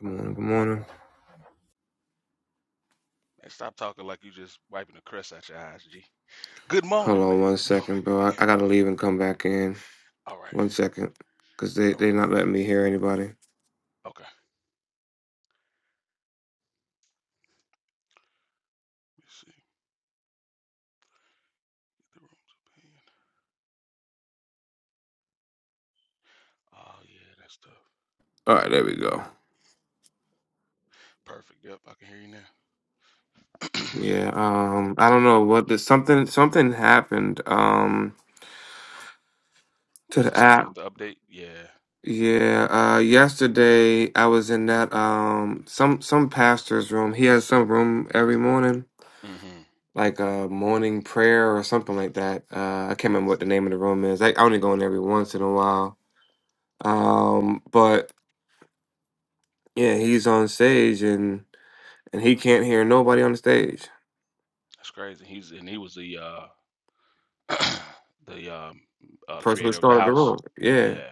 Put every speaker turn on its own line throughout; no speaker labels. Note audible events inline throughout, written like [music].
Good morning. Good morning.
Man, stop talking like you just wiping the crust out your eyes, G. Good
Hold
morning,
on
man.
one
Good morning.
second, bro. I, I gotta leave and come back in.
[laughs] All right.
One second, cause they
No
they not
worries.
letting me hear anybody.
Okay. Let me see. the room's opinion. Oh, yeah, that's tough.
All right, there we go.
Perfect. Yep, I can hear you now.
Yeah. Um. I don't know what the something something happened. Um.
[clears throat]
To
was
the
it something
app.
with the update? Yeah.
Yeah. Uh. Yesterday I was in that um some some pastor's room. He has some room every morning.
Mm-hmm.
Like a morning prayer or something like that. Uh, I can't remember what the name of the room is. I, I only go in every once in a while. Um, but Yeah, he's on stage and and he can't hear nobody on the stage.
That's crazy. He's and he was the uh [clears throat] the um
The
uh
person who
creator of the
started the
house.
room. Yeah.
Yeah.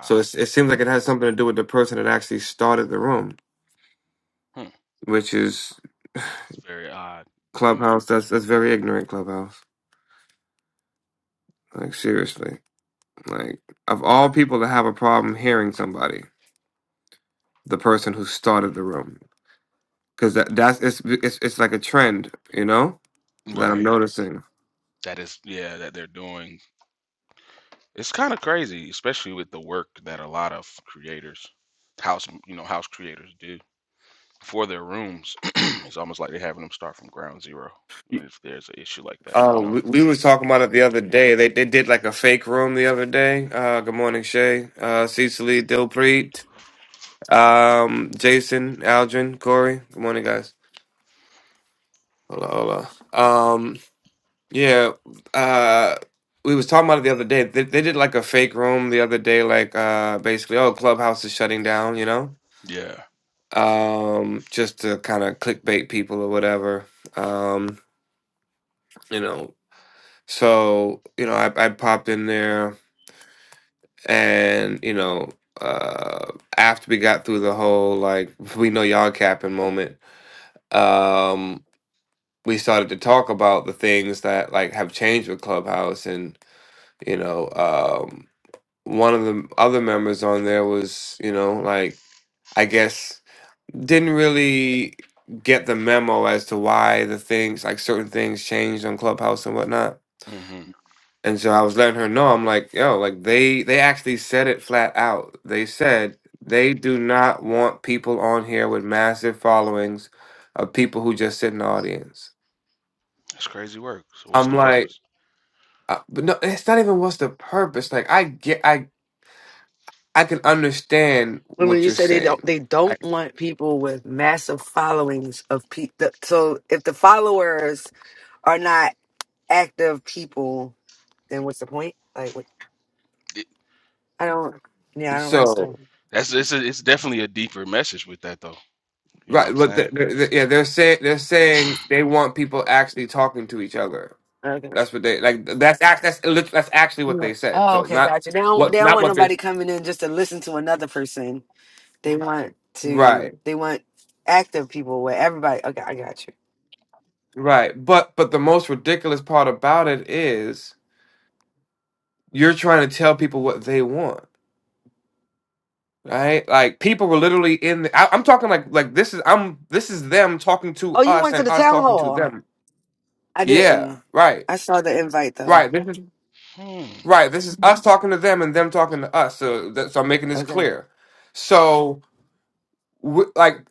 So it's, it seems like it has something to do with the person that actually started the room,
Hmm.
which is
That's very odd. [laughs] Mhm.
Clubhouse. That's that's very ignorant Clubhouse. Like seriously. Like of all people to have a problem hearing somebody, the person who started the room. Cuz that that's it's, it's it's like a trend, you know? that I'm
right.
noticing.
That is yeah, that they're doing It's kind of crazy, especially with the work that a lot of creators, house, you know, house creators do for their rooms. [clears throat] it's almost like they're having them start from ground zero. And if there's an issue like that, you
Oh,
know?
we, we was talking about it the other day. They they did like a fake room the other day. Uh, good morning, Shay, uh, Cecily, Dilpreet, um, Jason, Aldrin, Corey. Good morning, guys. Hola, hola. Um. Yeah, uh, we was talking about it the other day. They, they did like a fake room the other day, like uh, basically, oh, Clubhouse is shutting down, you know,
Yeah.
um, just to kind of clickbait people or whatever, um, you know. So you know, I, I popped in there, and you know, uh, after we got through the whole like [laughs] we know y'all capping moment, um, we started to talk about the things that like have changed with Clubhouse and you know. Um, one of the other members on there was, you know, like I guess didn't really get the memo as to why the things like certain things changed on Clubhouse and whatnot.
hmm
And so I was letting her know, I'm like, yo, like they they actually said it flat out. They said they do not want people on here with massive followings of people who just sit in the audience.
That's crazy work. So what's
I'm
the
like,
purpose?
uh, but no, it's not even what's the purpose. Like I get, I I can understand
When when
what
you
you're
say they
saying.
don't, they don't want people with massive followings of people. So if the followers are not active people, then what's the point? Like, what,
It-
I don't. Yeah, I don't
So
understand.
that's it's a, it's definitely a deeper message with that though. You know what
right,
I'm
but the,
saying?
the, yeah, they're saying they're saying they want people actually talking to each other.
Okay.
That's what they like. That's act. That's lit- that's actually what
Yeah.
they said.
Oh,
So
okay,
not
gotcha. They don't. They
what
don't
not
want
what they
nobody coming in just to listen to another person. They want to.
right
They want active people where everybody. Okay, I got you.
right. But but the most ridiculous part about it is you're trying to tell people what they want. Right, like people were literally in. The, I, I'm talking like like this is I'm this is them talking to
Oh, you
us
went to
and
the
us
town
talking to
hall.
them.
I
Yeah,
didn't.
right,
I saw the invite though.
right. This is
Hmm.
Right. This is us talking to them and them talking to us. So, that, so I'm making this
Okay.
clear. So, w like,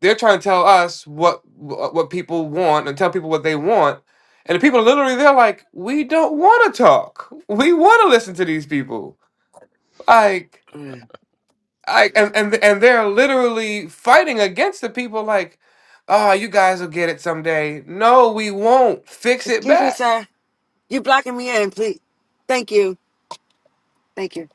they're trying to tell us what what people want and tell people what they want, and the people literally they're like, we don't want to talk. We want to listen to these people. Like,
Mm.
I and and and they're literally fighting against the people. Like, ah, you guys will get it someday. No, we won't. Fix it
Excuse me,
back.
sir. You blocking me in, please. Thank you. Thank you.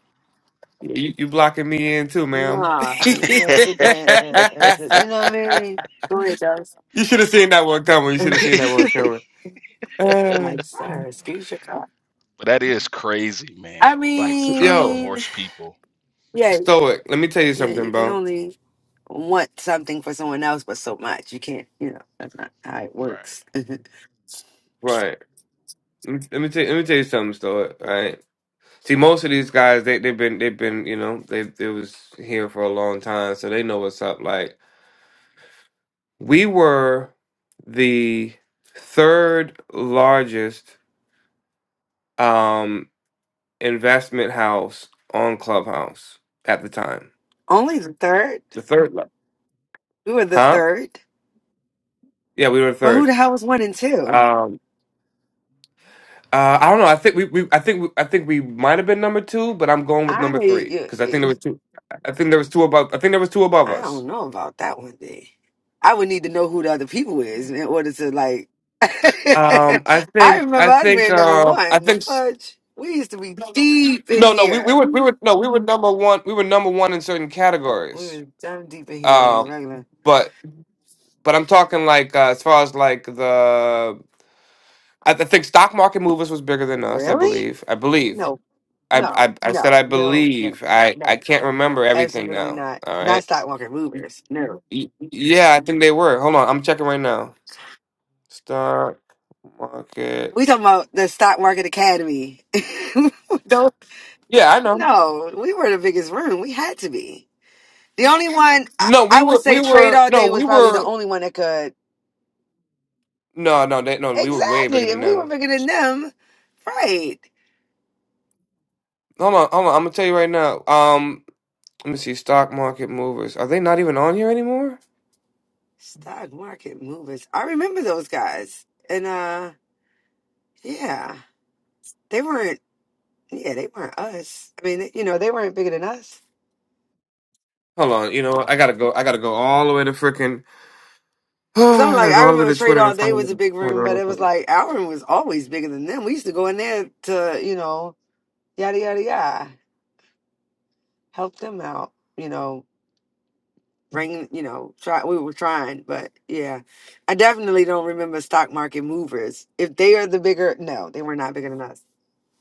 Yeah, You, you blocking me in too, ma'am.
Nah,
[laughs] you
you must sit there and, and, and you know what I mean? Go ahead, Charles.
should have seen that one coming. You should have seen that one coming. [sighs]
[laughs]
Uh,
like, sir, excuse your car.
But that is crazy, man.
I
Like trying to
yo,
mean,
force people.
yeah,
Stoic, let me tell you
yeah,
something,
you can
bro.
only want something for someone else, but so much. You can't, you know, that's not how it
Right.
works. [laughs]
Right. Let me, let me tell let me tell you something, Stoic. Right. See, most of these guys, they they've been they've been you know they they was here for a long time, so they know what's up. Like we were the third largest um investment house on Clubhouse at the time.
only the third?
The third left.
We were the
Huh?
third?
Yeah, we were
But who
third.
the hell was one and two?
Um uh, I don't know. I think we, we I think we, I think we might have been number two, but I'm going with number three
I,
because I think there were two. I think there was two above. I think there was two above
I
us.
don't know about that one then. I would need to know who the other people is in order to like. [laughs]
Um, I
I
think
remember
I
us
think
being number
uh, I
one. The
think s-
fudge. We used to be deep in
no no we, we
here.
were we were no we were number one we were number one in certain
We
categories.
was dumb deep in here on the
Um,
regular.
but but I'm talking like uh, as far as like the I, th- I think stock market movers was bigger than us. I
Really?
believe. I believe.
No,
I,
no,
I I said
no,
I
no, no,
believe. I
no.
I can't remember everything
Absolutely
now.
not.
All
Not
right.
stock market movers. No.
Y- Yeah, I think they were. Hold on, I'm checking right now. Stock market.
We talking about the stock market academy. [laughs] Don't.
Yeah, I know.
No, we were the biggest room. We had to be. The only one I,
No, we
I would
were we
say trade
were
all
no,
day was
we
probably the
were
only one that could.
no, no, they no, we were way bigger
Exactly. If
than
we were
them.
bigger than them, right.
Hold on, hold on. I'm gonna tell you right now. Um, let me see. Stock market movers. Are they not even on here anymore?
Stock market movers. I remember those guys. And uh yeah. They weren't yeah, they weren't us. I mean, you know, they weren't bigger than us.
Hold on. You know, what? I gotta go. I gotta go all the way to freaking. [sighs]
Cause I'm
I
like,
gotta
I
go all the way
remember
to
Trade
Twitter to
All Day was a big room, but it was
find.
like our room was always bigger than them. We used to go in there to, you know, yada yada yada, help them out, you know, bring you know try we were trying but yeah i definitely don't remember stock market movers if they are the bigger no they were not bigger than us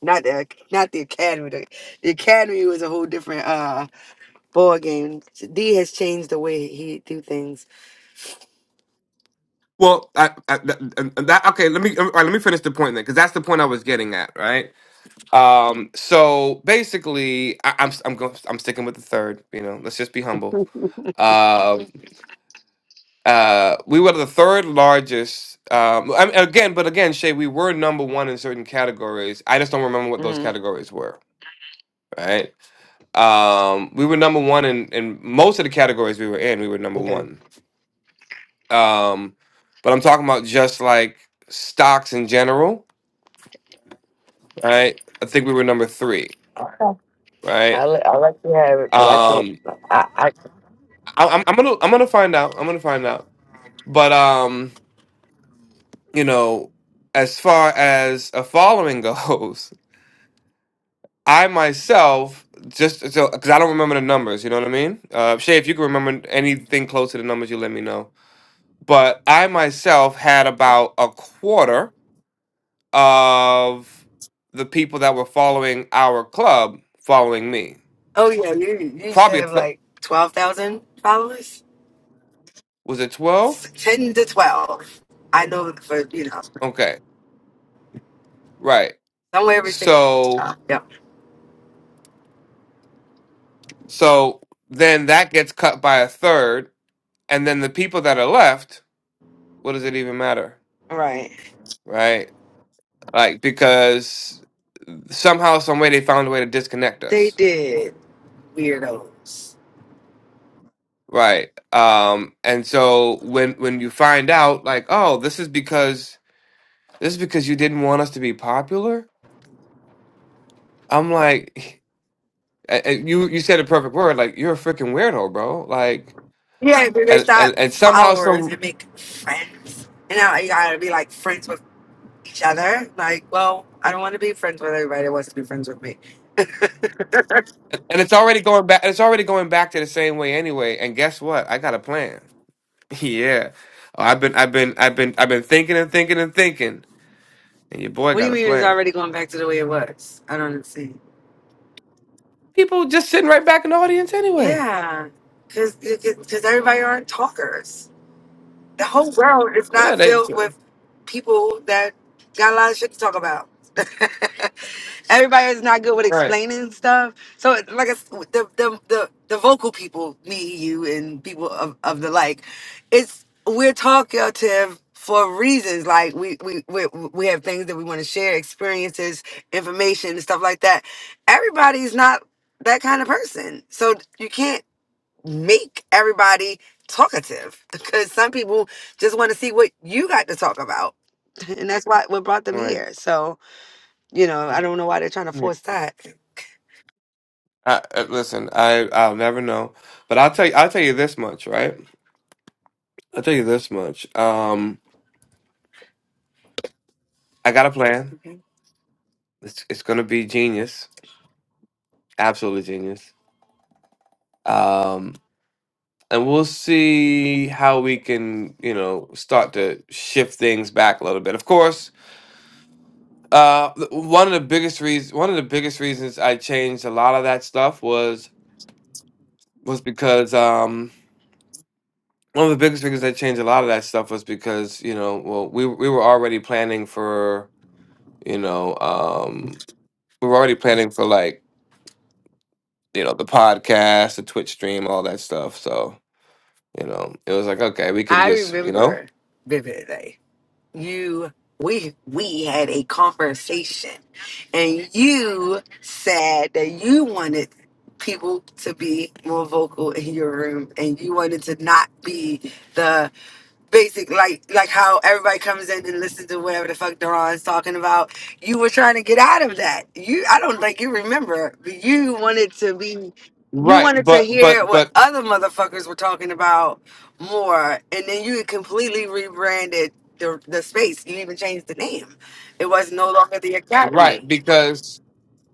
not the not the academy the, the academy was a whole different uh ball game d has changed the way he do things
Well, I, I, th- and that okay. Let me all right, let me finish the point then, because that's the point I was getting at, right? Um, so basically, I, I'm I'm going I'm sticking with the third. You know, let's just be humble.
hmm
Um, uh, we were the third largest. Um, I mean, again, but again, Shay, we were number one in certain categories. I just don't remember what those categories were. Right? Um, we were number one in in most of the categories we were in. We were number
okay
one. Um, but I'm talking about just like stocks in general right? I think we were number three,
Okay.
right?
i let, I'll let you have it, but I can't.
Um,
I, I
I, I'm, I'm gonna I'm gonna find out. I'm gonna find out. But um, you know, as far as a following [laughs] goes, I myself just so because I don't remember the numbers. You know what I mean? Uh, Shay, if you can remember anything close to the numbers, you let me know. But I myself had about a quarter of the people that were following our club following me.
oh yeah, you, you used to
Probably a
have
th-
like twelve thousand followers,
was it twelve?
ten to twelve. I know for you know
Okay, right.
somewhere everything.
So
Yeah.
so then that gets cut by a third, and then the people that are left, what does it even matter,
Right.
right? Like because somehow, some way, they found a way to disconnect
They
us,
did weirdos.
right? Um, and so when when you find out, like, oh, this is because this is because you didn't want us to be popular. I'm like, [laughs] and- and you you said a perfect word, like you're a freaking weirdo, bro. Like,
Yeah, but they
and and
start
and somehow,
followers
some
and make friends. And now you gotta be like friends with each other. Like, well, I don't want to be friends with everybody that wants to be friends with me. [laughs]
And it's already going back. It's already going back to the same way anyway. And guess what? I got a plan. [laughs] yeah, oh, I've been, I've been, I've been, I've been thinking and thinking and thinking. And your boy
What do
got
you
a
mean it's
plan.
already going back to the way it was? I don't understand.
People just sitting right back in the audience anyway.
Yeah, because everybody aren't talkers. The whole world is not
Yeah, they
filled with people that got a lot of shit to talk about. [laughs] Everybody is not good with
right,
explaining stuff. So, like, I s the the the, the vocal people, me, you, and people of, of the like, it's we're talkative for reasons. Like, we we we, we have things that we want to share, experiences, information, and stuff like that. Everybody's not that kind of person, so you can't make everybody talkative because some people just want to see what you got to talk about. [laughs] And that's why what brought them
right.
here. So, you know, I don't know why they're trying to
Yeah.
force that.
I, I, listen, I I'll never know, but I'll tell you. I'll tell you this much, right? I'll tell you this much. Um, I got a plan. It's it's gonna be genius, absolutely genius. Um. and we'll see how we can you know start to shift things back a little bit of course uh th- one of the biggest reasons one of the biggest reasons i changed a lot of that stuff was was because um one of the biggest reasons i changed a lot of that stuff was because you know well we we were already planning for you know um we were already planning for like you know the podcast the twitch stream all that stuff so You know, it was like, okay, we can
I
just, you know,
remember vividly. You we we had a conversation and you said that you wanted people to be more vocal in your room and you wanted to not be the basic like like how everybody comes in and listens to whatever the fuck Duran's talking about. You were trying to get out of that. You I don't think you remember, but you wanted to be you
right.
wanted to
But,
hear
but,
what
but,
other motherfuckers were talking about more and then you completely rebranded the the space. You even changed the name. It was no longer the
right.
academy.
Because,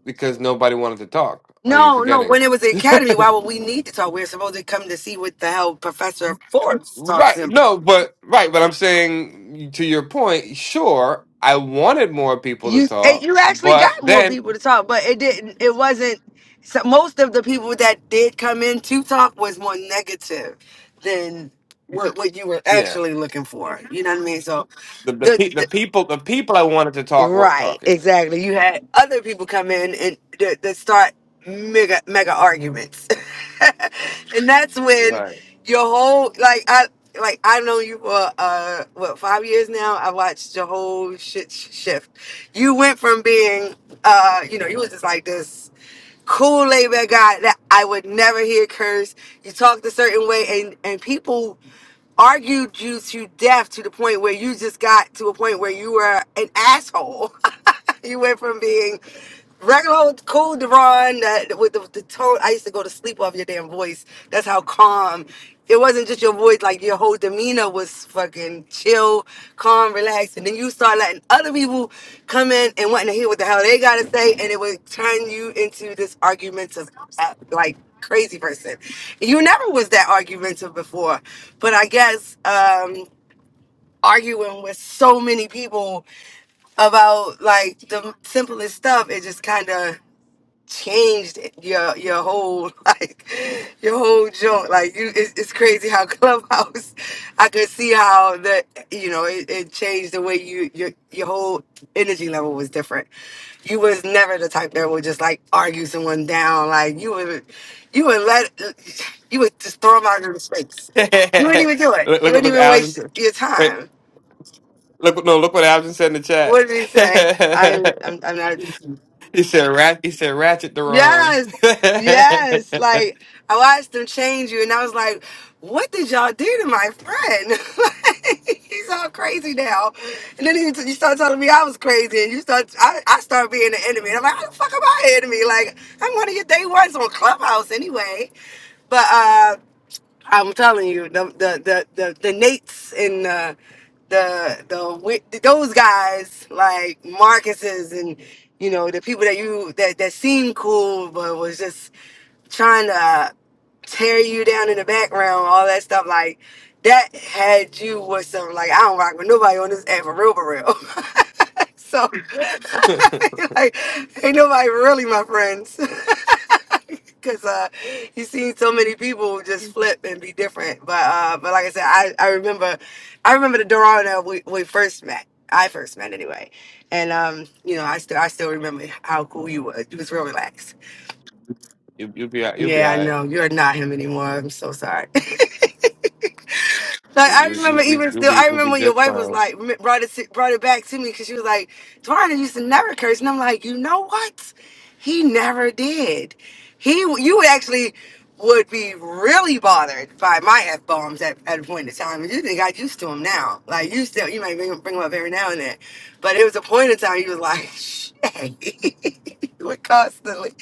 because nobody wanted to talk. Are you
No, no.
forgetting?
When it was the academy, why would we need to talk? We are supposed to come to see what the hell Professor Forbes talks
Right.
about.
No, but, right. But I'm saying to your point, sure, I wanted more people to
you eh,
talk,
you actually
but
got more
then,
people to talk, but it didn't. It wasn't. So most of the people that did come in to talk was more negative than what what you were
yeah,
actually looking for. You know what I mean? So
the, the,
the,
pe- the people, the people I wanted to talk weren't
Right,
talking.
exactly. You had other people come in and that, that start mega mega arguments, [laughs] and that's when
Right.
your whole like I like I know you for uh what five years now. I watched your whole shit sh- shift. You went from being uh you know you was just like this cool laid back guy that I would never hear curse. You talked a certain way, and and people argued you to death to the point where you just got to a point where you were an asshole. [laughs] you went from being regular old cool Devon that with the, the tone. I used to go to sleep off your damn voice. That's how calm. It wasn't just your voice; like your whole demeanor was fucking chill, calm, relaxed. And then you start letting other people come in and wanting to hear what the hell they gotta say, and it would turn you into this argumentative, uh, like crazy person. You never was that argumentative before, but I guess um, arguing with so many people about like the simplest stuff, it just kind of changed your your whole [laughs] like your whole joint. Like you, it's, it's crazy how [laughs] Clubhouse. I could see how the you know it, it changed the way you your your whole energy level was different. You was never the type that would just like argue someone down. Like you would you would let you would just throw them out into space.
[laughs]
You wouldn't even do it.
look,
You
look,
wouldn't
look,
even
Alvin.
waste
said-
your
Wait,
time.
look, no, look what Alvin said in the chat.
What did he say? I'm I'm, I'm not.
[laughs] he said, "Rat." He said, "Ratchet, Deron."
Yes, yes. Like I watched them change you, and I was like, "What did y'all do to my friend?" [laughs] Like, He's all crazy now. And then you, you start telling me I was crazy, and you start I, I start being the enemy. And I'm like, "How the fuck am I an enemy? Like I'm one of your day ones on Clubhouse anyway." But uh, I'm telling you, the the the the, the Nates and the the the wi- those guys like Marcus's and you know the people that you that that seemed cool but was just trying to tear you down in the background, all that stuff. Like that had you with some like I don't rock with nobody on this app for real, for real. [laughs] so [laughs] like ain't nobody really my friends. [laughs] Cause uh, you seen so many people just flip and be different, but uh, but like I said, I, I remember, I remember the Dorana we, we first met. I first met anyway, and um, you know, I still I still remember how cool you was. You was real relaxed
[laughs] you, you'll be, all- you'll be
yeah, I
all right.
know. You're not him anymore. I'm so sorry. [laughs] Like
You,
I
you, you,
remember,
you-
even
you'll
still,
be,
I
you'll
remember
be
when your
just
wife was
fine.
like m- brought it to- brought it back to me because she was like, "Twana used to never curse," and I'm like, "You know what? He never did. He, you actually would be really bothered by my f bombs at, at a point in time, and you didn't got used to them now. Like you still, you might bring, 'em- bring them up every now and then, but it was a point in time you was like, [laughs] "Shit." [laughs] You would constantly,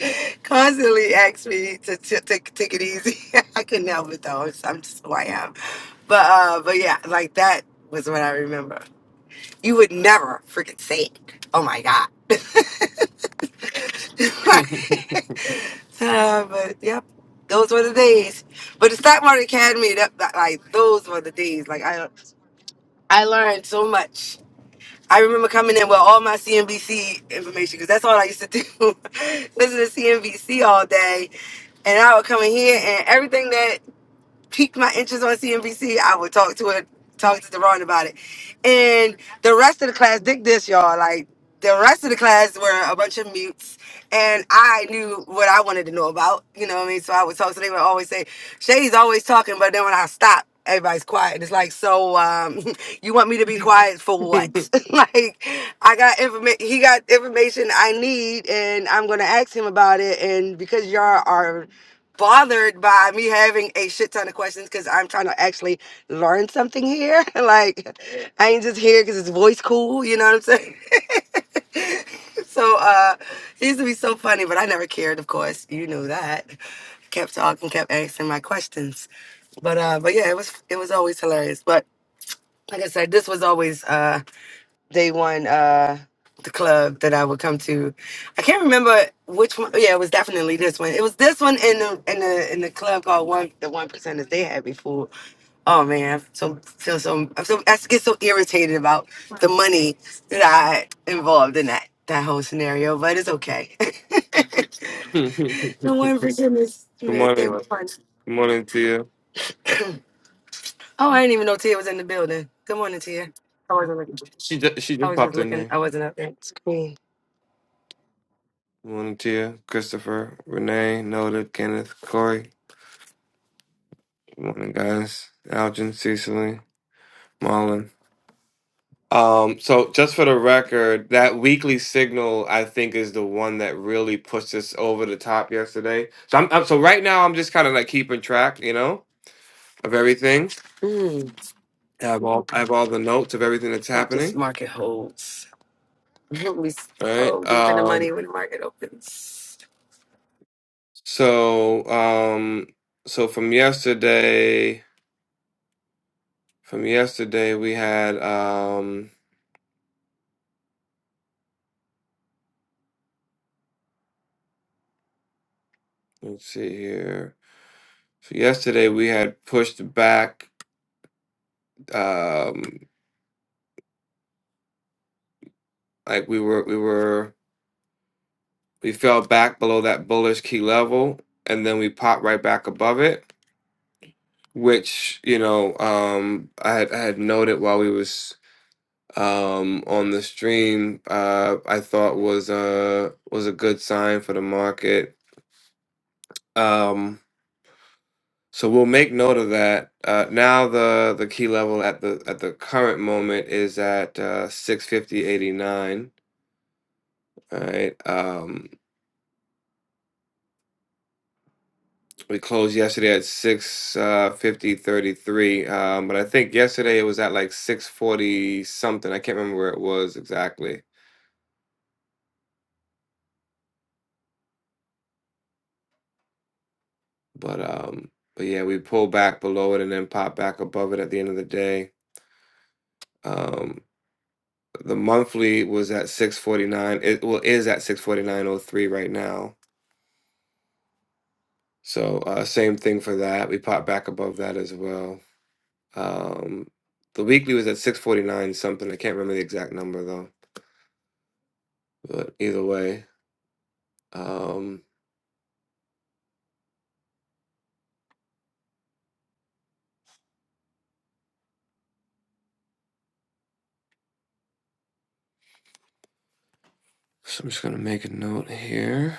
constantly ask me to, to, to take it easy. [laughs] I couldn't help it though. It's- I'm just who I am. But uh, but yeah, like that was what I remember. You would never freaking say it. Oh my god. [laughs]
[laughs] Good
uh, but yep, those were the days. But the stock market academy, that, that- like those were the days. Like I I learned so much. I remember coming in with all my CNBC information because that's all I used to do. [laughs] Listen to CNBC all day, and I would come in here and everything that piqued my interest on CNBC, I would talk to it, talk to Deron about it. And the rest of the class, dig this, y'all. Like the rest of the class were a bunch of mutes, and I knew what I wanted to know about. You know what I mean? So I would talk. So they would always say, "Shay's always talking," but then when I stop. Everybody's quiet. It's like, so um, [laughs] you want me to be quiet for what? [laughs] like, I got information. He got information I need, and I'm gonna ask him about it. And because y'all are bothered by me having a shit ton of questions because I'm trying to actually learn something here. [laughs] like, I ain't just here because it's voice cool, you know what I'm saying? [laughs] so, uh, he used to be so funny, but I never cared, of course. You knew that. Kept talking, kept asking my questions. But, uh, but yeah, it was, it was always hilarious. But like I said, this was always, uh, they won uh the club that I would come to. I can't remember which one. Yeah, it was definitely this one. It was this one in the in the in the club called one the one percenters they had before. Oh man, i so feel so I'm so I get so irritated about the money that I involved in that that whole scenario, but it's okay. [laughs] the one percenters Smith, they
morning.
were fun.
Good morning to you.
Oh, I didn't even know Tia was in the building. Good morning, Tia. I wasn't looking.
She just, she
I
just
was just
popped in
looking.
there.
I wasn't up there. It's Queen.
Good morning to you, Christopher, Renee, Noda, Kenneth, Corey. Good morning, guys. Algin, Cecily, Marlon. Um, so just for the record, that weekly signal I think is the one that really pushed us over the top yesterday. So I'm, I'm so right now I'm just kind of like keeping track, you know, of everything. I have all I have all the notes of everything that's
hope this
happening.
market holds. [laughs] we
Right.
so deep in the
Um,
money when the market opens.
so um so from yesterday from yesterday we had um let's see here. So yesterday we had pushed back um like we were we were we fell back below that bullish key level and then we popped right back above it which you know um i had, I had noted while we was um on the stream uh i thought was a was a good sign for the market um so we'll make note of that uh now the the key level at the at the current moment is at uh 650.89 all right Um, We closed yesterday at 6 uh 50 thirty-three, Um, but I think yesterday it was at like 640 something. I can't remember where it was exactly. But um but yeah, we pulled back below it and then popped back above it at the end of the day. Um the monthly was at 649. It well is at 649.03 right now. So uh same thing for that. We popped back above that as well. Um the weekly was at 649 something. I can't remember the exact number though. But either way, um So I'm just gonna make a note here.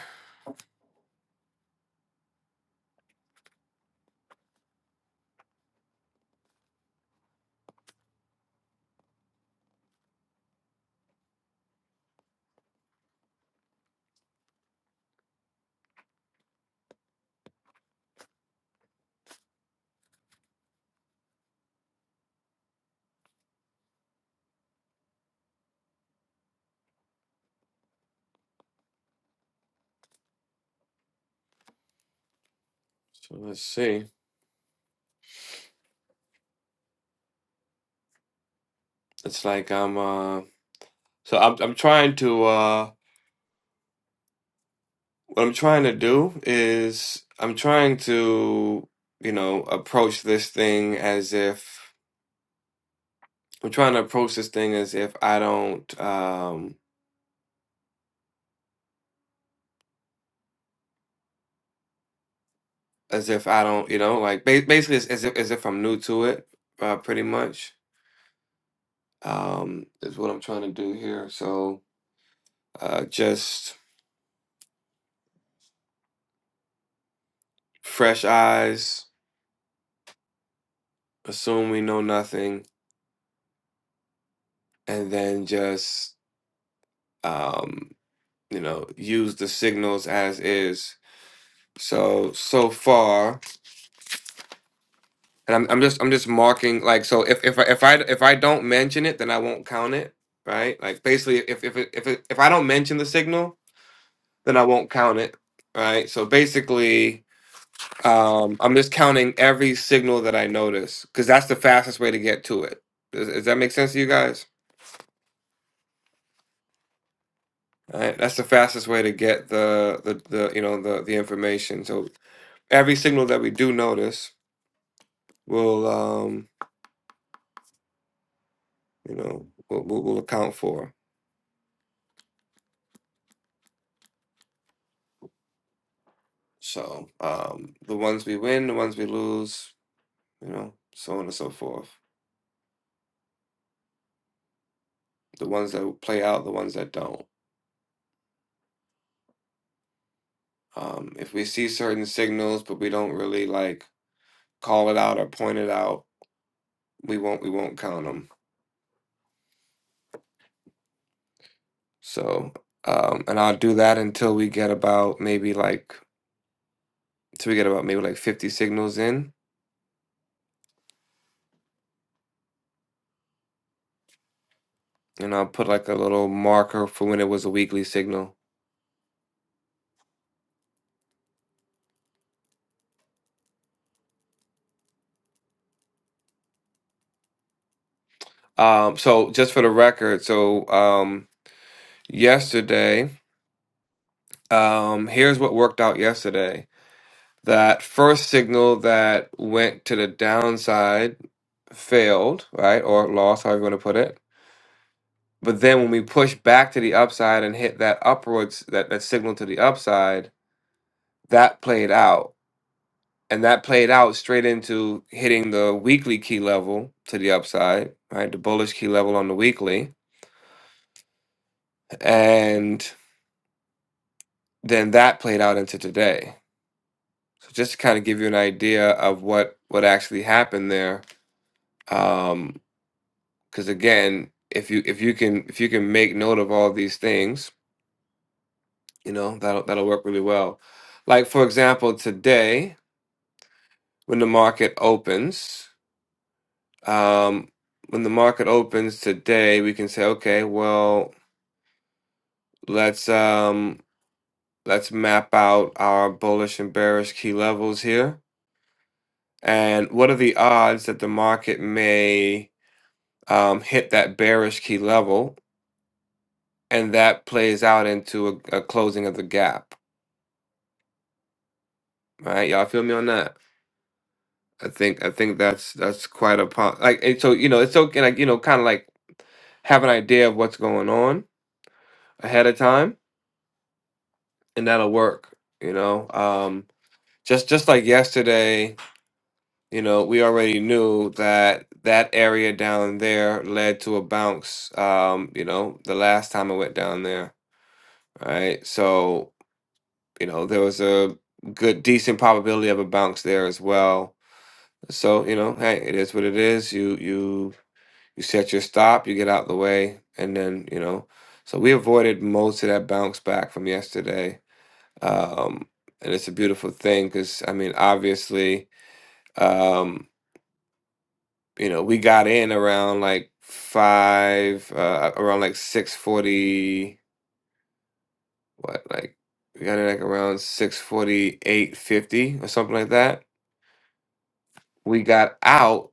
So let's see. It's like I'm uh so I'm I'm trying to uh what I'm trying to do is I'm trying to, you know, approach this thing as if I'm trying to approach this thing as if I don't um as if I don't, you know, like ba- basically it's as if as if I'm new to it, uh pretty much. Um is what I'm trying to do here. So uh just fresh eyes, assume we know nothing and then just um, you know use the signals as is. So so far, and I'm I'm just I'm just marking like so if if I if I if I don't mention it, then I won't count it, right? Like basically, if if it, if it, if I don't mention the signal, then I won't count it, right? So basically, um, I'm just counting every signal that I notice because that's the fastest way to get to it. Does, does that make sense to you guys? All right, that's the fastest way to get the the, the you know the the information. So every signal that we do notice will um you know will will will account for so um the ones we win the ones we lose you know so on and so forth the ones that play out the ones that don't um if we see certain signals but we don't really like call it out or point it out we won't we won't count them so um and i'll do that until we get about maybe like till we get about maybe like 50 signals in and i'll put like a little marker for when it was a weekly signal Um, so just for the record, so um, yesterday, um, here's what worked out yesterday. That first signal that went to the downside failed, right, or lost, however you want to put it. But then when we pushed back to the upside and hit that upwards, that, that signal to the upside, that played out. And that played out straight into hitting the weekly key level to the upside, right? The bullish key level on the weekly. And then that played out into today. So just to kind of give you an idea of what what actually happened there um because again if you if you can if you can make note of all these things you know that'll that'll work really well like for example today when the market opens um when the market opens today we can say okay well let's um let's map out our bullish and bearish key levels here and what are the odds that the market may um, hit that bearish key level, and that plays out into a, a closing of the gap. All Right, y'all feel me on that? I think I think that's that's quite a po- like. And so you know, it's okay, like you know, kind of like have an idea of what's going on ahead of time, and that'll work. You know, um, just just like yesterday, you know, we already knew that that area down there led to a bounce. Um, you know, the last time I went down there, All right? So You know, there was a good, decent probability of a bounce there as well. So, you know, hey, it is what it is. You you you set your stop, you get out the way, and then, you know, so we avoided most of that bounce back from yesterday. Um, and it's a beautiful thing because I mean, obviously, um, you know, we got in around like five, uh, around like six forty, what, like we got in like around six forty eight fifty or something like that we got out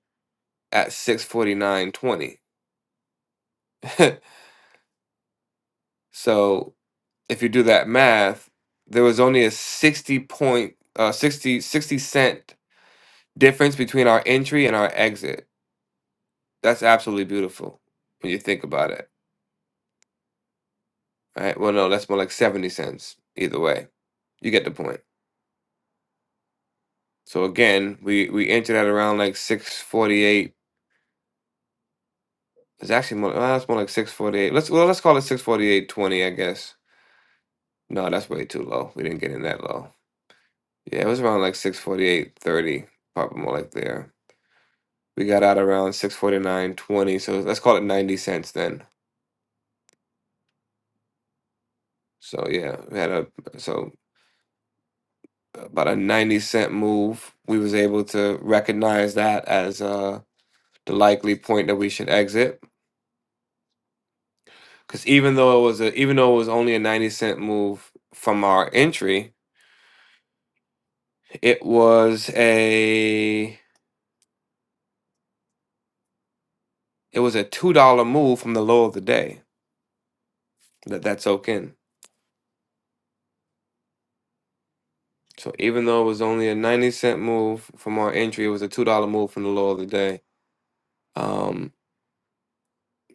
at 649.20. [laughs] so if you do that math, there was only a 60 point, uh, 60, sixty cent difference between our entry and our exit. That's absolutely beautiful when you think about it, right? Well, no, that's more like 70 cents either way. You get the point. So again, we, we entered at around like 648. It's actually more, well, it's more like 648. Let's, well, let's call it 648.20, I guess. No, that's way too low. We didn't get in that low. Yeah, it was around like six forty eight thirty, probably more like there. We got out around six forty nine twenty, so let's call it 90 cents then. So yeah, we had a so about a 90 cent move. We was able to recognize that as uh the likely point that we should exit because even though it was a even though it was only a 90 cent move from our entry, it was a it was a $2 move from the low of the day. Let that soak in. So even though it was only a 90 cent move from our entry, it was a $2 move from the low of the day. Um,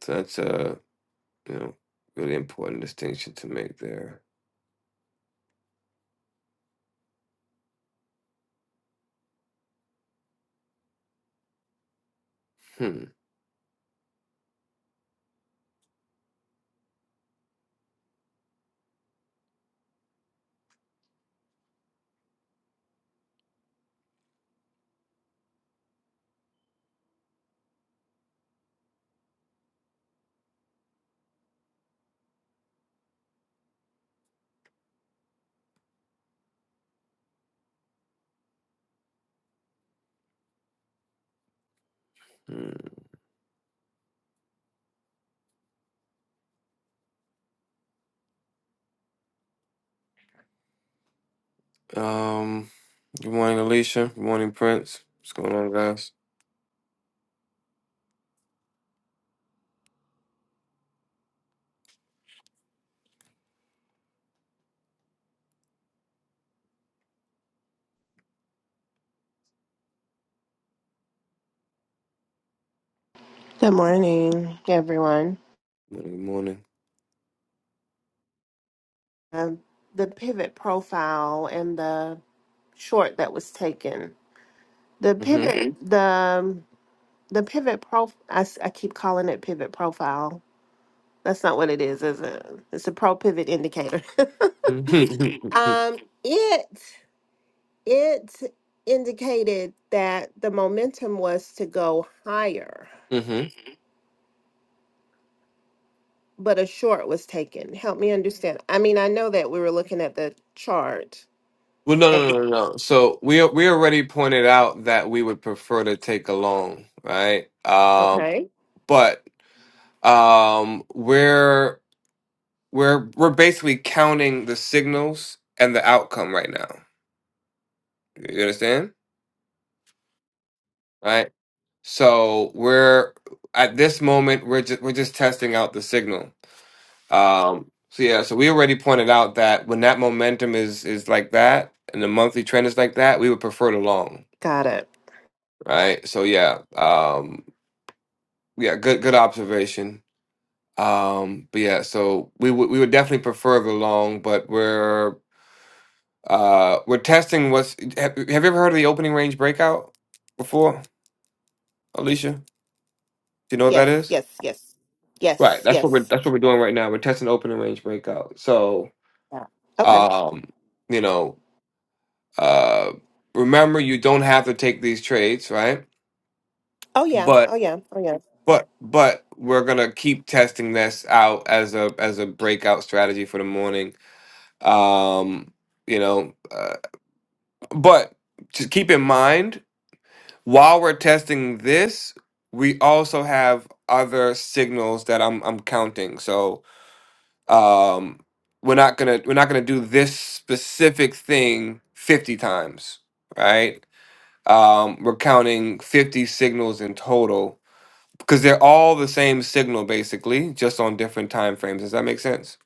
so that's a, you know, really important distinction to make there. Hmm. hmm. Um, good morning, Alicia. Good morning, Prince. What's going on, guys?
Good morning, everyone.
Good morning.
Um, the pivot profile and the short that was taken. The
Good morning.
pivot, Mhm. the um, the pivot prof. I, s- I keep calling it pivot profile. That's not what it is, is it? It's a pro pivot indicator. [laughs]
hmm
um, it it indicated that the momentum was to go higher,
hmm [laughs]
but a short was taken. Help me understand. I mean, I know that we were looking at the chart.
Well, no,
and-
no, no, no. no. So we we already pointed out that we would prefer to take a loan, right? Um,
Okay.
but um, are We're we're basically counting the signals and the outcome right now. You understand? Right? So we're at this moment we're just we're just testing out the signal. Um so yeah, so we already pointed out that when that momentum is is like that and the monthly trend is like that, we would prefer the long,
Got it.
right? So yeah, um yeah, good good observation. Um but yeah, so we would we would definitely prefer the long, but we're Uh, we're testing what's. Have, have you ever heard of the opening range breakout before, Alicia? Do you know what that
Yes,
is?
yes, yes,
Right.
yes,
That's what we're.
yes.
That's what we're doing right now. We're testing the opening range breakout. So,
Yeah. Okay.
um, you know, uh, remember you don't have to take these trades, right?
Oh yeah.
But
Oh yeah. Oh yeah.
but but we're gonna keep testing this out as a as a breakout strategy for the morning. Um, you know, uh, but just keep in mind While we're testing this, we also have other signals that I'm I'm counting. So um, we're not gonna we're not gonna do this specific thing 50 times, right? Um, we're counting 50 signals in total because they're all the same signal basically, just on different time frames. Does that make sense?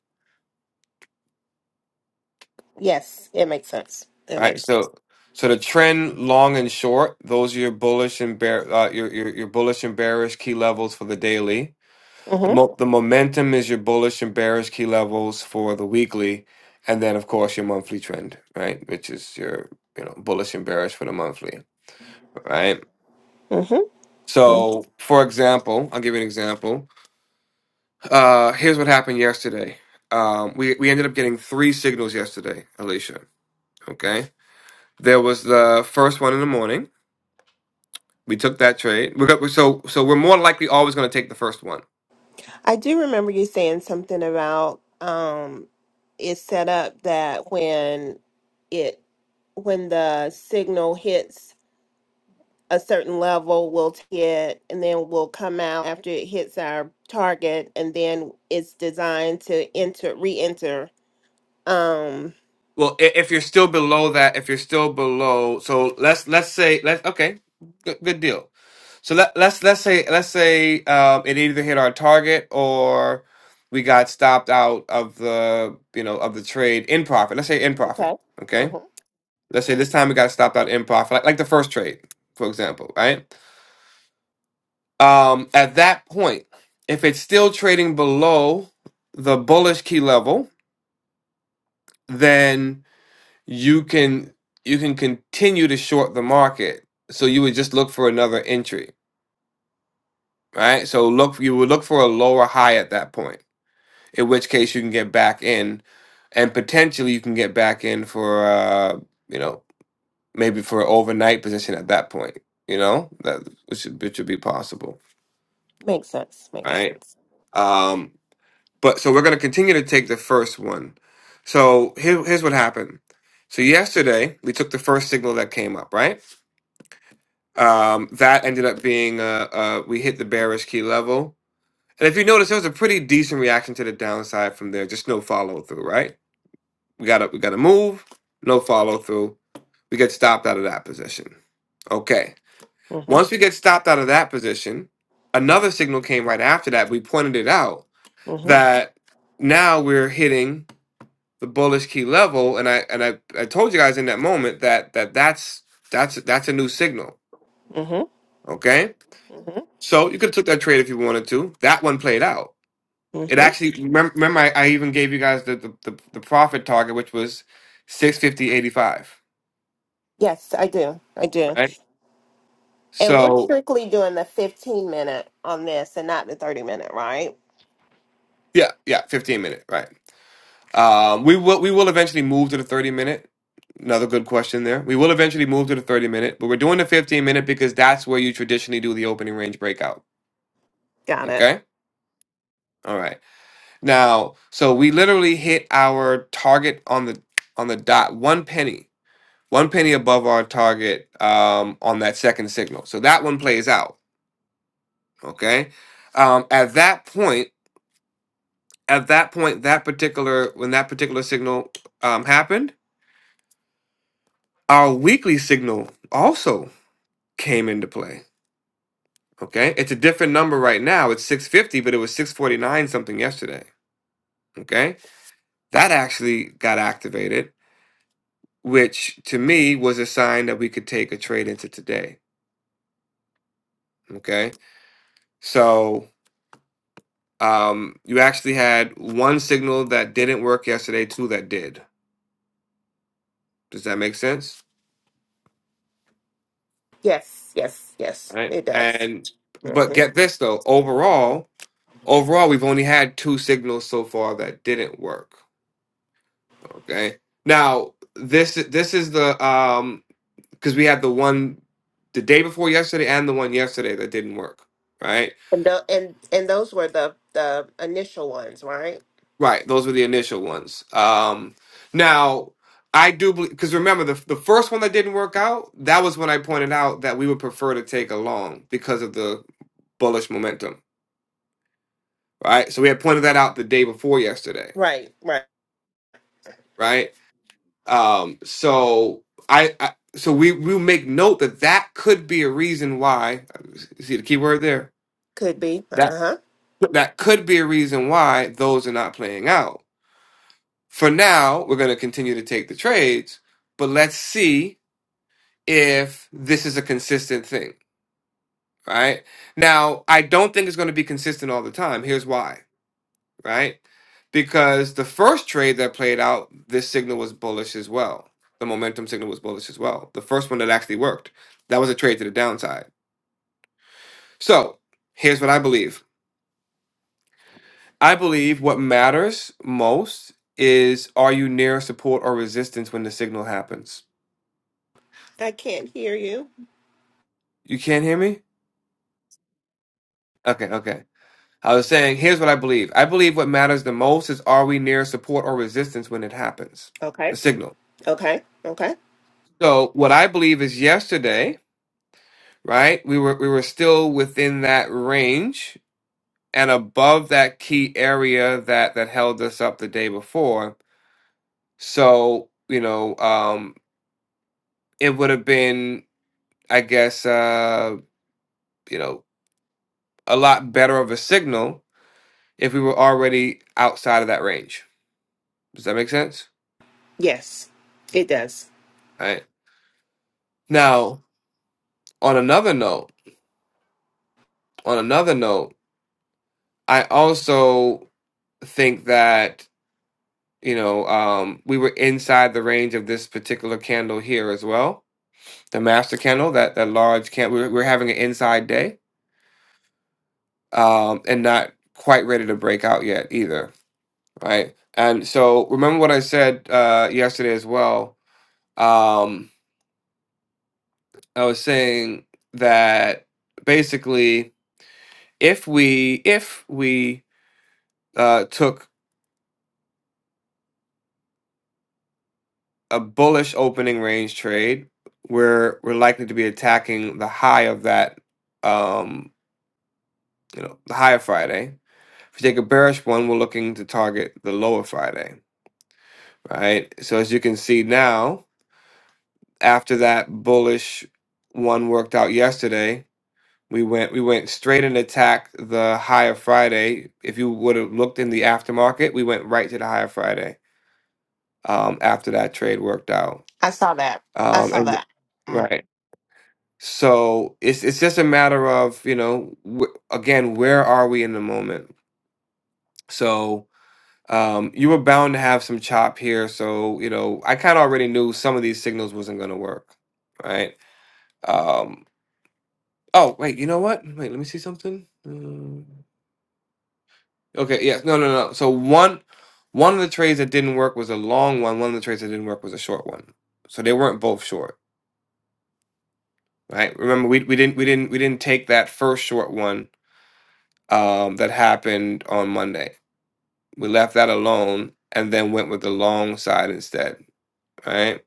Yes, it makes sense. It
Right.
makes sense.
So so the trend, long and short, those are your bullish and bear uh, your, your your bullish and bearish key levels for the daily The,
Mm-hmm.
mo- the momentum is your bullish and bearish key levels for the weekly, and then of course your monthly trend, right? Which is your you know bullish and bearish for the monthly, right?
Mm-hmm.
So, for example, I'll give you an example. Uh, here's what happened yesterday. Um, we we ended up getting three signals yesterday, Alicia. Okay, there was the first one in the morning. We took that trade. We're go- so so we're more likely always going to take the first one
I do remember you saying something about um it's set up that when it when the signal hits a certain level, we'll take it and then we'll come out after it hits our target and then it's designed to enter re-enter. Um
Well, i- if you're still below that, if you're still below, so let's let's say let's okay, good, good deal. So let let's let's say let's say um, it either hit our target or we got stopped out of the you know of the trade in profit. Let's say in profit,
Okay.
okay. Let's say this time we got stopped out in profit, like, like the first trade, for example, right? Um, at that point, if it's still trading below the bullish key level, then you can you can continue to short the market. So you would just look for another entry, right? So look you would look for a lower high at that point, in which case you can get back in, and potentially you can get back in for uh, you know maybe for an overnight position at that point. You know that which should, which would be possible,
Makes sense. Makes
right?
sense.
Um, but so we're gonna continue to take the first one. So here, here's what happened. So yesterday we took the first signal that came up, right? Um, that ended up being uh, uh, we hit the bearish key level, and if you notice, there was a pretty decent reaction to the downside from there. Just no follow through, right? We got to we got to move. No follow through. We get stopped out of that position. Okay. Once
Mm-hmm.
we get stopped out of that position, another signal came right after that. We pointed it out
Mm-hmm.
that now we're hitting the bullish key level, and I and I, I told you guys in that moment that that that's that's that's a new signal.
Mm-hmm.
Okay
Mm-hmm.
So you could have took that trade if you wanted to. That one played out. It
Mm-hmm.
actually remember, remember I, I even gave you guys the, the, the, the profit target, which was six fifty eighty five.
Yes, I do. I do.
Right.
And we're
So
strictly doing the 15 minute on this and not the 30 minute, right?
yeah, yeah, fifteen minute. Right. Um, we will we will eventually move to the thirty minute. Another good question there. We will eventually move to the thirty minute, but we're doing the fifteen minute because that's where you traditionally do the opening range breakout.
Got it.
Okay. All right. Now, so we literally hit our target on the on the dot one penny one penny above our target um, on that second signal. So that one plays out. Okay. Um, at that point, at that point, that particular when that particular signal um, happened, our weekly signal also came into play. Okay, it's a different number right now. It's 650, but it was 649 something yesterday. Okay, that actually got activated, which to me was a sign that we could take a trade into today. Okay, so Um, you actually had one signal that didn't work yesterday, two that did. Does that make sense?
Yes, yes, yes.
right?
It does.
And but
Mm-hmm.
get this though, overall, overall we've only had two signals so far that didn't work. Okay. Now this this is the um because we had the one the day before yesterday and the one yesterday that didn't work, right?
And, tho- and and those were the the initial ones, right?
Right, those were the initial ones. Um, now I do believe because remember the the first one that didn't work out, that was when I pointed out that we would prefer to take a long because of the bullish momentum, right? So we had pointed that out the day before yesterday,
Right, right.
right? Um, so I, I so we we make note that that could be a reason why. See the key word there.
Could be.
That
Uh-huh.
that could be a reason why those are not playing out. For now, we're going to continue to take the trades, but let's see if this is a consistent thing, right? Now, I don't think it's going to be consistent all the time. Here's why, right? Because the first trade that played out, this signal was bullish as well. The momentum signal was bullish as well. The first one that actually worked, that was a trade to the downside. So, here's what I believe I believe what matters most is are you near support or resistance when the signal happens?
I can't hear you.
You can't hear me? Okay, okay. I was saying, here's what I believe. I believe what matters the most is are we near support or resistance when it happens? The
Okay.
signal.
Okay. Okay.
So what I believe is yesterday, right? We were we were still within that range and above that key area that that held us up the day before. So, you know, um it would have been, I guess, uh, you know, a lot better of a signal if we were already outside of that range. Does that make sense?
Yes, it does.
Right. Now, on another note, on another note, I also think that you know um, we were inside the range of this particular candle here as well. The master candle, that that large candle, we're, we're having an inside day, um, and not quite ready to break out yet either, right? And so remember what I said uh, yesterday as well. Um, I was saying that basically, if we if we uh, took a bullish opening range trade, we're we're likely to be attacking the high of that, um, you know, the high of Friday. If we take a bearish one, we're looking to target the lower Friday, right? So as you can see now, after that bullish one worked out yesterday, we went we went straight and attacked the high of Friday. If you would have looked in the aftermarket, we went right to the high of Friday um, after that trade worked out.
I saw that. I
Um,
saw
and
that. Mm.
right. So it's it's just a matter of you know wh- again where are we in the moment. So um, you were bound to have some chop here. So you know I kind of already knew some of these signals wasn't going to work, right? Um, oh wait, you know what? Wait, let me see something. Mm, Okay, yes, no, no, no. So one one of the trades that didn't work was a long one. One of the trades that didn't work was a short one. So they weren't both short, right? Remember we we didn't we didn't we didn't take that first short one um, that happened on Monday. We left that alone and then went with the long side instead. Right?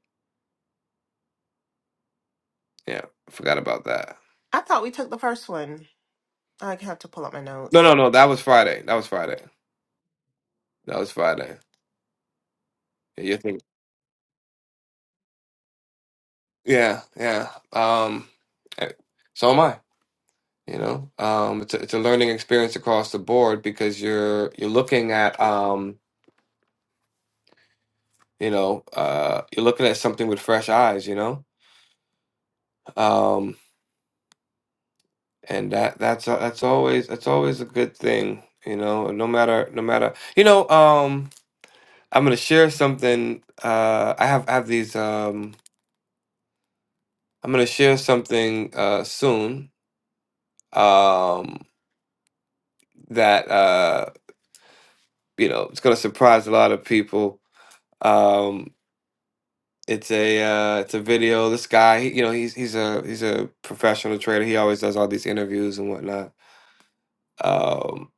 Yeah, forgot about that.
I thought we took the first one. I have to pull up my
No,
notes.
no, no. That was Friday. That was Friday. That was Friday. Yeah, you think? Yeah, yeah. Um, eh, so am I. You know, um, it's a, it's a learning experience across the board because you're you're looking at um, you know, uh, you're looking at something with fresh eyes. You know, um, and that that's a- that's always that's always a good thing you know no matter no matter you know um i'm gonna share something uh i have I have these um i'm gonna share something uh soon um that uh you know it's gonna surprise a lot of people um it's a uh it's a video this guy he, you know he's he's a he's a professional trader he always does all these interviews and whatnot um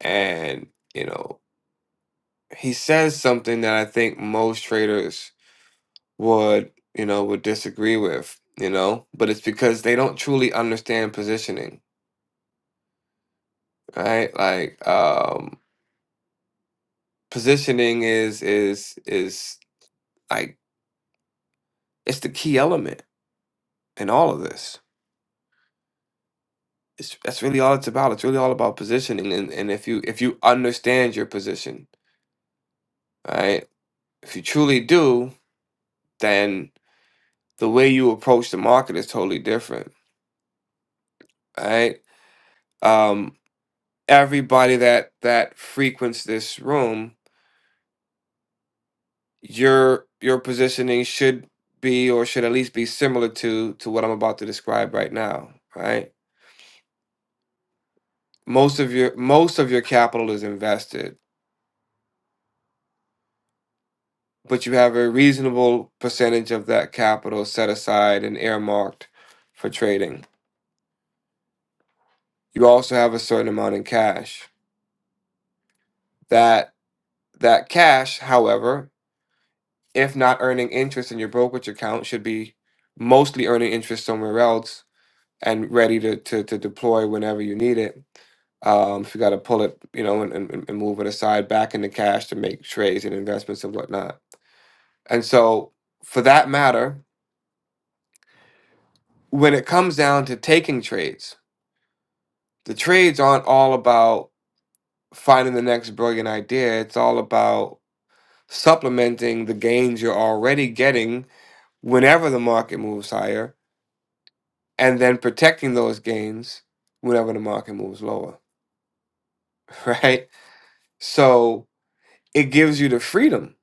and you know he says something that I think most traders would, you know, would disagree with, you know, but it's because they don't truly understand positioning, right? Like um positioning is is is like it's the key element in all of this. It's that's really all it's about. It's really all about positioning and and if you if you understand your position, right? If you truly do, then the way you approach the market is totally different, right? Um, everybody that that frequents this room your your positioning should be or should at least be similar to to what i'm about to describe right now right most of your most of your capital is invested but you have a reasonable percentage of that capital set aside and earmarked for trading you also have a certain amount in cash that that cash however if not earning interest in your brokerage account should be mostly earning interest somewhere else and ready to, to, to deploy whenever you need it. Um, if you got to pull it, you know, and, and, and move it aside back into cash to make trades and investments and whatnot. And so, for that matter, when it comes down to taking trades, the trades aren't all about finding the next brilliant idea. It's all about supplementing the gains you're already getting whenever the market moves higher and then protecting those gains whenever the market moves lower, [laughs] right? So, it gives you the freedom.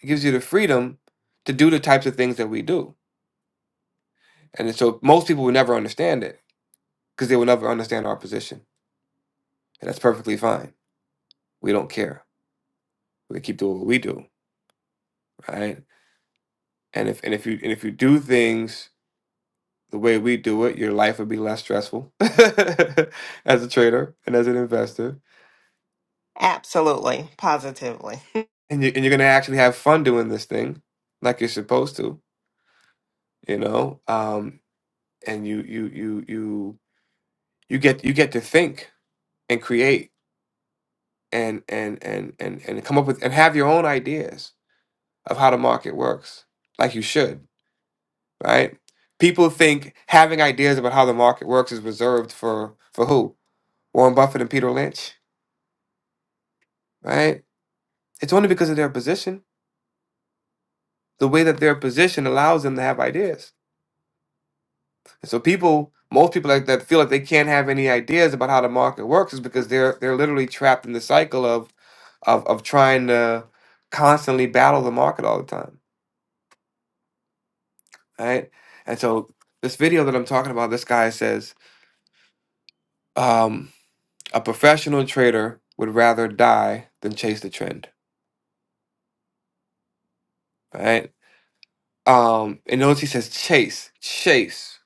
It gives you the freedom to do the types of things that we do. And so most people will never understand it because they will never understand our position. And that's perfectly fine. We don't care. We keep doing what we do, right? And if and if you and if you do things the way we do it, your life would be less stressful [laughs] as a trader and as an investor.
Absolutely, positively. [laughs]
And you and you're gonna actually have fun doing this thing like you're supposed to, you know? Um and you you you you you get you get to think and create and and and and and come up with and have your own ideas of how the market works like you should right people think having ideas about how the market works is reserved for for who warren buffett and peter lynch right it's only because of their position the way that their position allows them to have ideas and so people most people like that feel like they can't have any ideas about how the market works is because they're they're literally trapped in the cycle of of of trying to constantly battle the market all the time right? And so this video that I'm talking about, this guy says, um, a professional trader would rather die than chase the trend, right? Um, and notice he says chase, chase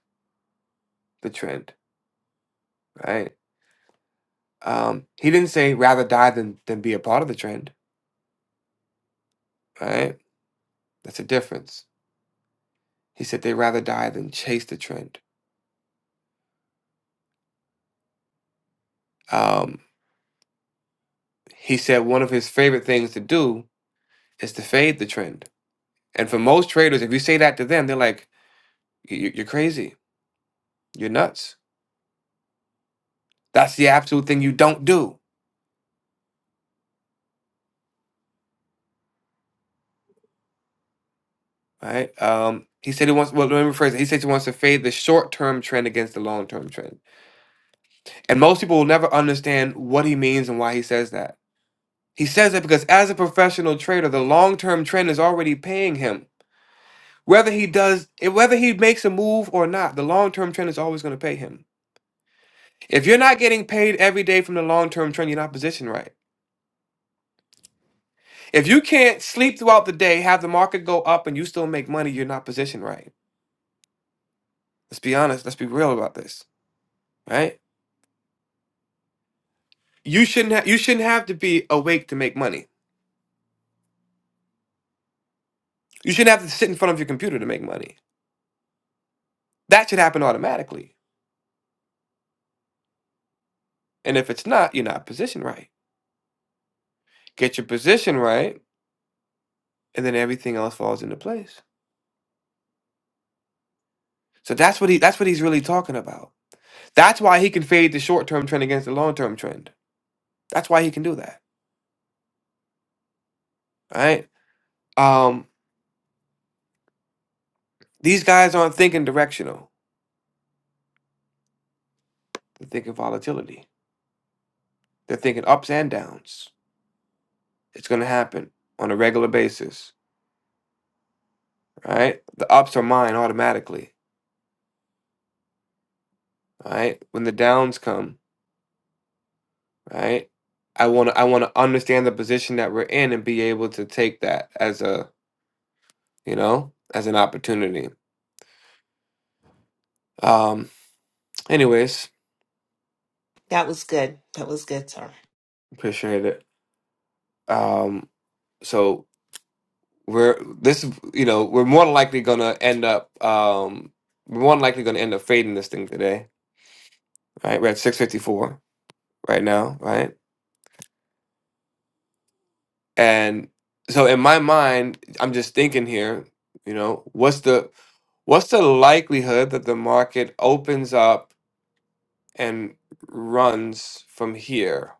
the trend, right? Um, he didn't say rather die than than be a part of the trend, right? That's a difference. He said they'd rather die than chase the trend. Um, he said one of his favorite things to do is to fade the trend. And for most traders, if you say that to them, they're like, "You- you- you're crazy, you're nuts That's the absolute thing you don't do. Right? Um, he said he wants. Well, let me rephrase it. He says he wants to fade the short-term trend against the long-term trend, and most people will never understand what he means and why he says that. He says that because as a professional trader, the long-term trend is already paying him. Whether he does, whether he makes a move or not, the long-term trend is always going to pay him. If you're not getting paid every day from the long-term trend, you're not positioned right. If you can't sleep throughout the day, have the market go up, and you still make money, you're not positioned right. Let's be honest. Let's be real about this. right? You shouldn't ha- you shouldn't have to be awake to make money. You shouldn't have to sit in front of your computer to make money. That should happen automatically. And if it's not, you're not positioned right. Get your position right, and then everything else falls into place. So that's what he that's what he's really talking about. That's why he can fade the short term trend against the long term trend. That's why he can do that. Right? Um, these guys aren't thinking directional. They're thinking volatility. They're thinking ups and downs. It's gonna happen on a regular basis right? The ups are mine automatically, right? When the downs come, right? I want to I want to understand the position that we're in and be able to take that as a, you know, as an opportunity. Um anyways,
That was good. That was good, sir.
appreciate it. Um so we're this is- you know, we're more than likely going to end up um we're more than likely going to end up fading this thing today, right? We're at 654 right now, right? And so in my mind, I'm just thinking here, you know, what's the What's the likelihood that the market opens up and runs from here?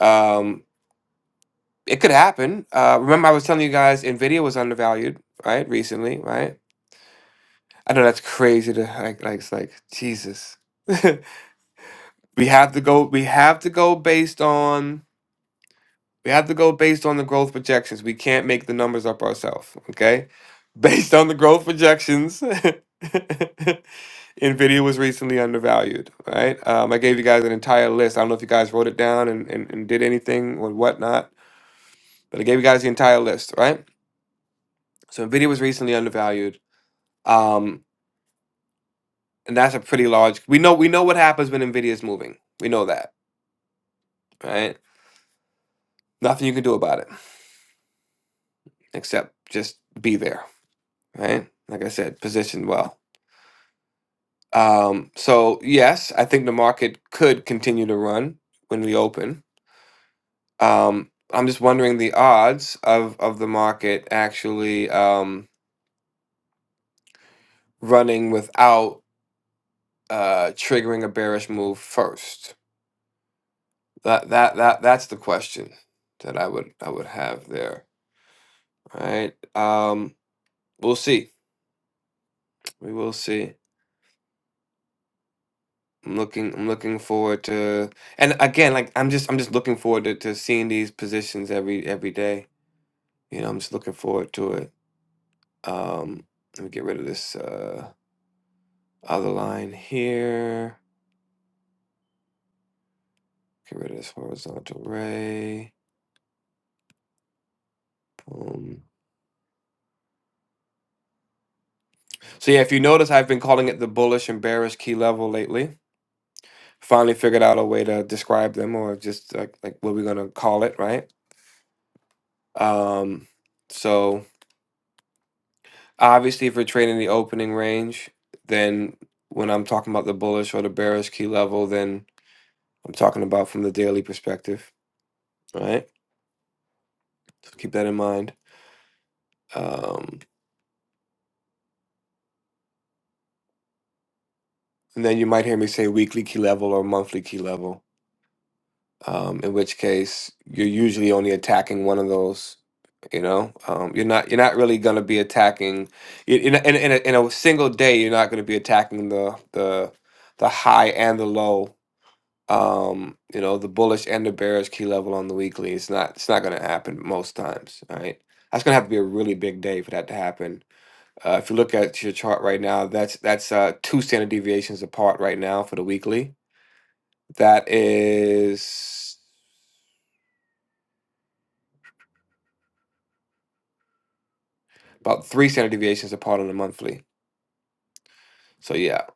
Um, it could happen. Uh, remember, I was telling you guys, Nvidia was undervalued, right? Recently, right? I know that's crazy to like, like it's like Jesus. [laughs] we have to go. We have to go based on. We have to go based on the growth projections. We can't make the numbers up ourselves, okay? [laughs] Based on the growth projections, [laughs] NVIDIA was recently undervalued, right? Um, I gave you guys an entire list. I don't know if you guys wrote it down and, and, and did anything or whatnot, but I gave you guys the entire list, right? So NVIDIA was recently undervalued. Um, and that's a pretty large we know we know what happens when NVIDIA is moving. We know that, right? Nothing you can do about it except just be there, right? Like I said, positioned well. Um, so yes, I think the market could continue to run when we open. Um, I'm just wondering the odds of of the market actually um, running without uh, triggering a bearish move first. That that that that's the question that I would I would have there. All right. Um, we'll see. We will see. I'm looking I'm looking forward to and again like I'm just I'm just looking forward to, to seeing these positions every every day. You know, I'm just looking forward to it. Um, let me get rid of this uh, other line here. Get rid of this horizontal ray. Boom. So yeah, if you notice, I've been calling it the bullish and bearish key level lately. Finally figured out a way to describe them, or just like like what we're gonna call it, right? Um, so obviously, if you're trading the opening range, then when I'm talking about the bullish or the bearish key level, then I'm talking about from the daily perspective, right? So keep that in mind. Um, and then you might hear me say weekly key level or monthly key level, um, in which case you're usually only attacking one of those. You know, um, you're not you're not really going to be attacking you- you're not- in in a, in a single day. You're not going to be attacking the the the high and the low. Um, you know, the bullish and the bearish key level on the weekly. It's not it's not going to happen most times. All right, that's going to have to be a really big day for that to happen Uh, if you look at your chart right now, that's that's uh, two standard deviations apart right now for the weekly. That is about three standard deviations apart on the monthly. So yeah,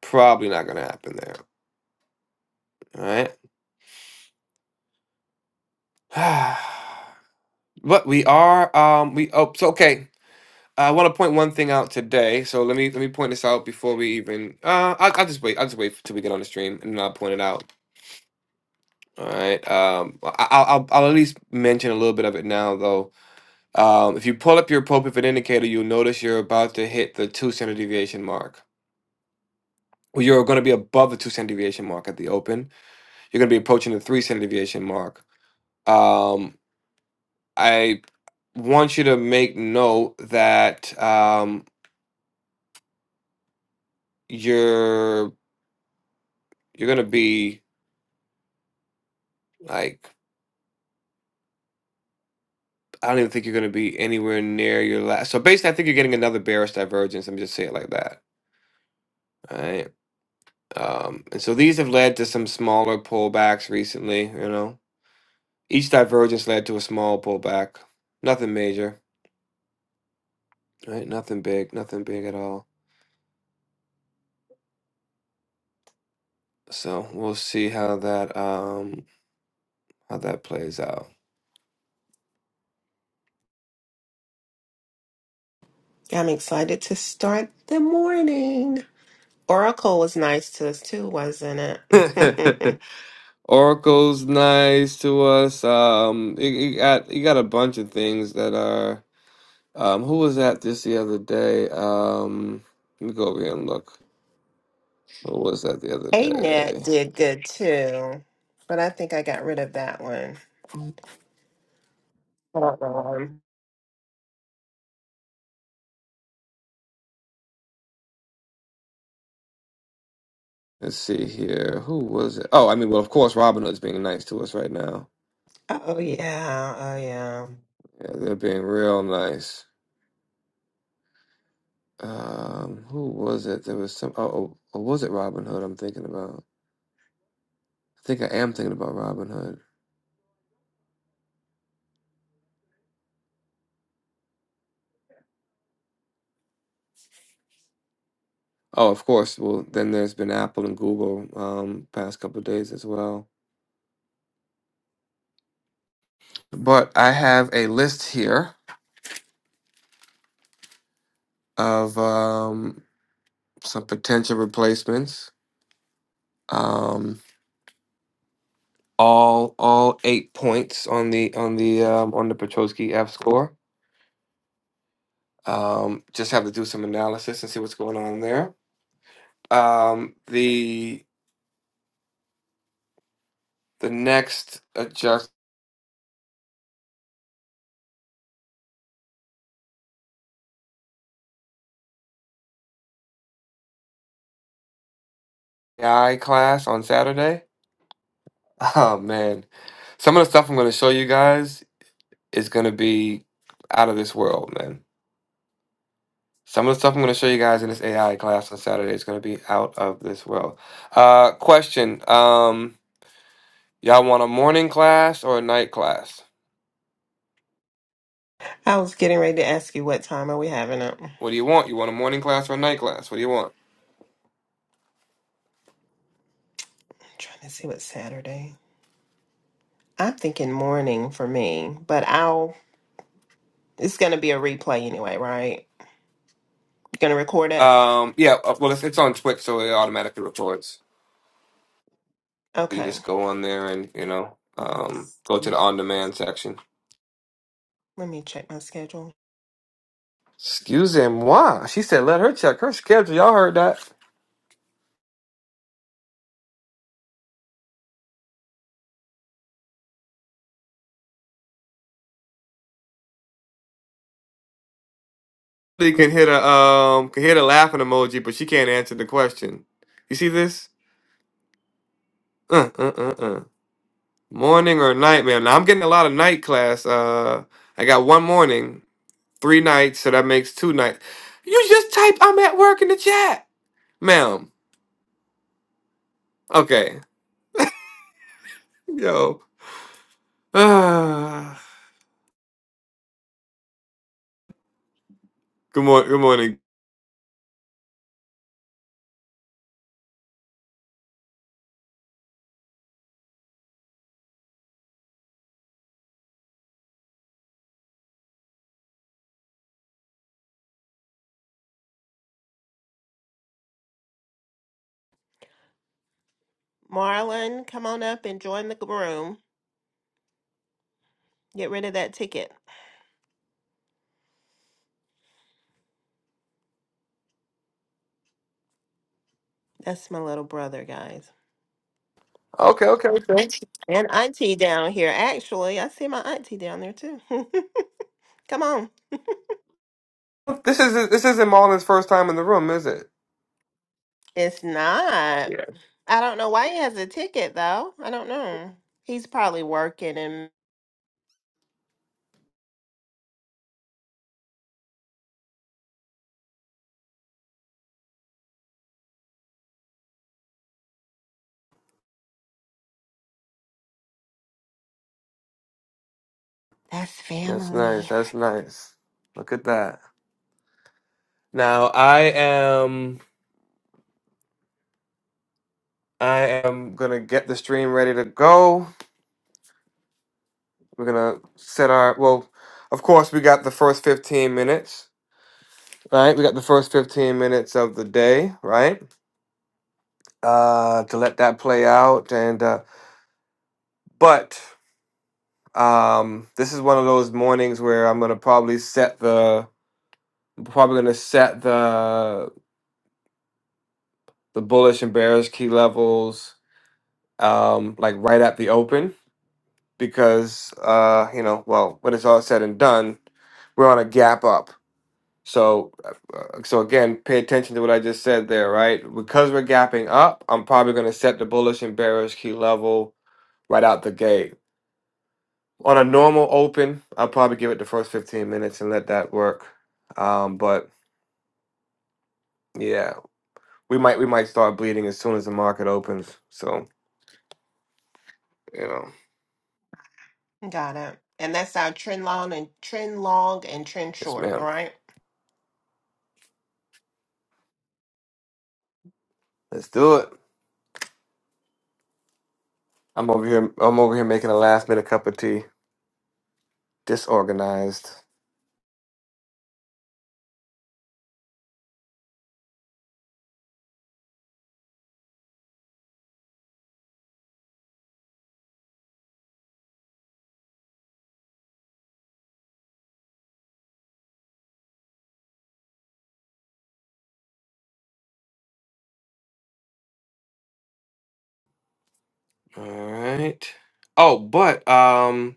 probably not gonna happen there. All right, [sighs] but we are. Um, we oh, so okay. I want to point one thing out today. So let me let me point this out before we even. Uh, I'll, I'll just wait. I'll just wait till we get on the stream and then I'll point it out. All right. Um, I, I'll I'll I'll at least mention a little bit of it now though Um, if you pull up your ProPivot indicator, you'll notice you're about to hit the two standard deviation mark. Well, you're going to be above the two standard deviation mark at the open. You're going to be approaching the three standard deviation mark. Um, I want you to make note that um, you're you're going to be like I don't even think you're going to be anywhere near your last. So basically, I think you're getting another bearish divergence. Let me just say it like that. All right. Um, and so these have led to some smaller pullbacks recently. You know. Each divergence led to a small pullback. Nothing major, right? Nothing big, nothing big at all. So we'll see how that um how that plays out.
Yeah, I'm excited to start the morning. Oracle was nice to us too, wasn't
[laughs]
it? [laughs]
Oracle's nice to us. Um, you, you got you got a bunch of things that are. Um, who was that this the other day? Um, let me go over here and look. Who was that the other
A net
day?
did good too, but I think I got rid of that one. Uh-oh.
Let's see here. Who was it? Oh, I mean, well, of course, Robinhood's being nice to us right now.
Oh yeah, oh yeah.
Yeah, they're being real nice. Um, who was it? There was some. Oh, oh, or was it Robin Hood? I'm thinking about. I think I am thinking about Robin Hood. Oh, of course. Well, then there's been Apple and Google um, past couple of days as well. But I have a list here of um, some potential replacements. Um, all all eight points on the on the um, on the Petrosky F score. Um, just have to do some analysis and see what's going on there. Um, the the next Adjust AI class on Saturday. [laughs] Oh man, some of the stuff I'm going to show you guys is going to be out of this world, man. Some of the stuff I'm going to show you guys in this AI class on Saturday is going to be out of this world. Uh, question: um, Y'all want a morning class or a night class?
I was getting ready to ask you what time are we having it. I'm
What do you want? You want a morning class or a night class? What do you want?
trying to see what Saturday. I'm thinking morning for me, but I'll. It's going to be a replay anyway, right? You're gonna record it?
Um, yeah, uh, well, it's, it's on Twitch, so it automatically records. You can
Okay.
just go on there and you know um, go to the
Let
on-demand section.
me check my schedule.
Excusez-moi. She said, let her check her schedule. Y'all heard that. They can hit a um can hit a laughing emoji, but she can't answer the question. You see this? Uh uh uh uh. Morning or night, man. Now I'm getting a lot of night class. Uh I got one morning, three nights, so that makes two nights. You just type I'm at work in the chat, ma'am. Okay. Yo. [sighs] Ah. good morning good morning.
Marlon, come on up and join the room. Get rid of that ticket. That's my little brother, guys.
Okay, okay, okay.
And auntie down here. Actually, I see my auntie down there too. [laughs] come on.
This is this isn't Marlon's first time in the room, is it?
It's not. I don't know why he has a ticket though. I don't know. He's probably working and that's
That's
family.
nice. That's nice. Look at that. Now I am I am gonna get the stream ready to go. We're gonna set our well, of course we got the first 15 minutes, right? We got the first 15 minutes of the day, right? Uh to let that play out and uh but um this is one of those mornings where I'm gonna probably set the I'm probably gonna set the the bullish and bearish key levels um like right at the open because uh, you know, well, when it's all said and done, we're on a gap up. So, uh, so again, pay attention to what I just said there, right? Because we're gapping up, I'm probably going to set the bullish and bearish key level right out the gate. On a normal open, I'll probably give it the first 15 minutes and let that work. Um, but yeah, we might we might start bleeding as soon as the market opens. So you know,
Got it. And that's our trend long and trend long and trend
yes,
short,
ma'am.
right?
Let's do it. I'm over here. I'm over here making a last minute cup of tea. Disorganized. All right. Oh, but um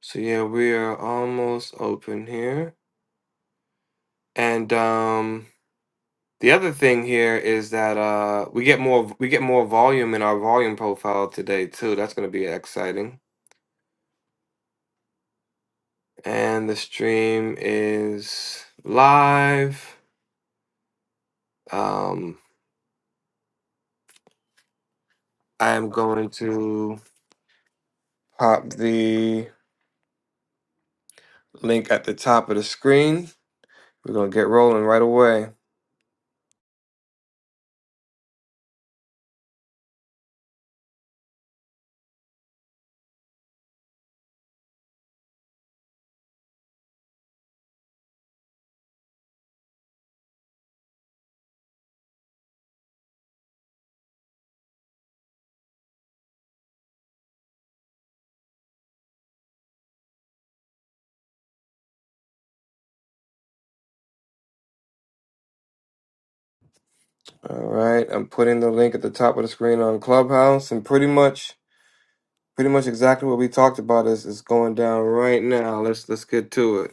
so yeah, we are almost open here. And um the other thing here is that uh we get more we get more volume in our volume profile today too. That's going to be exciting. And the stream is live. Um I am going to pop the link at the top of the screen. We're going to get rolling right away. All right, I'm putting the link at the top of the screen on Clubhouse, and pretty much, pretty much exactly what we talked about is is going down right now. Let's let's get to it.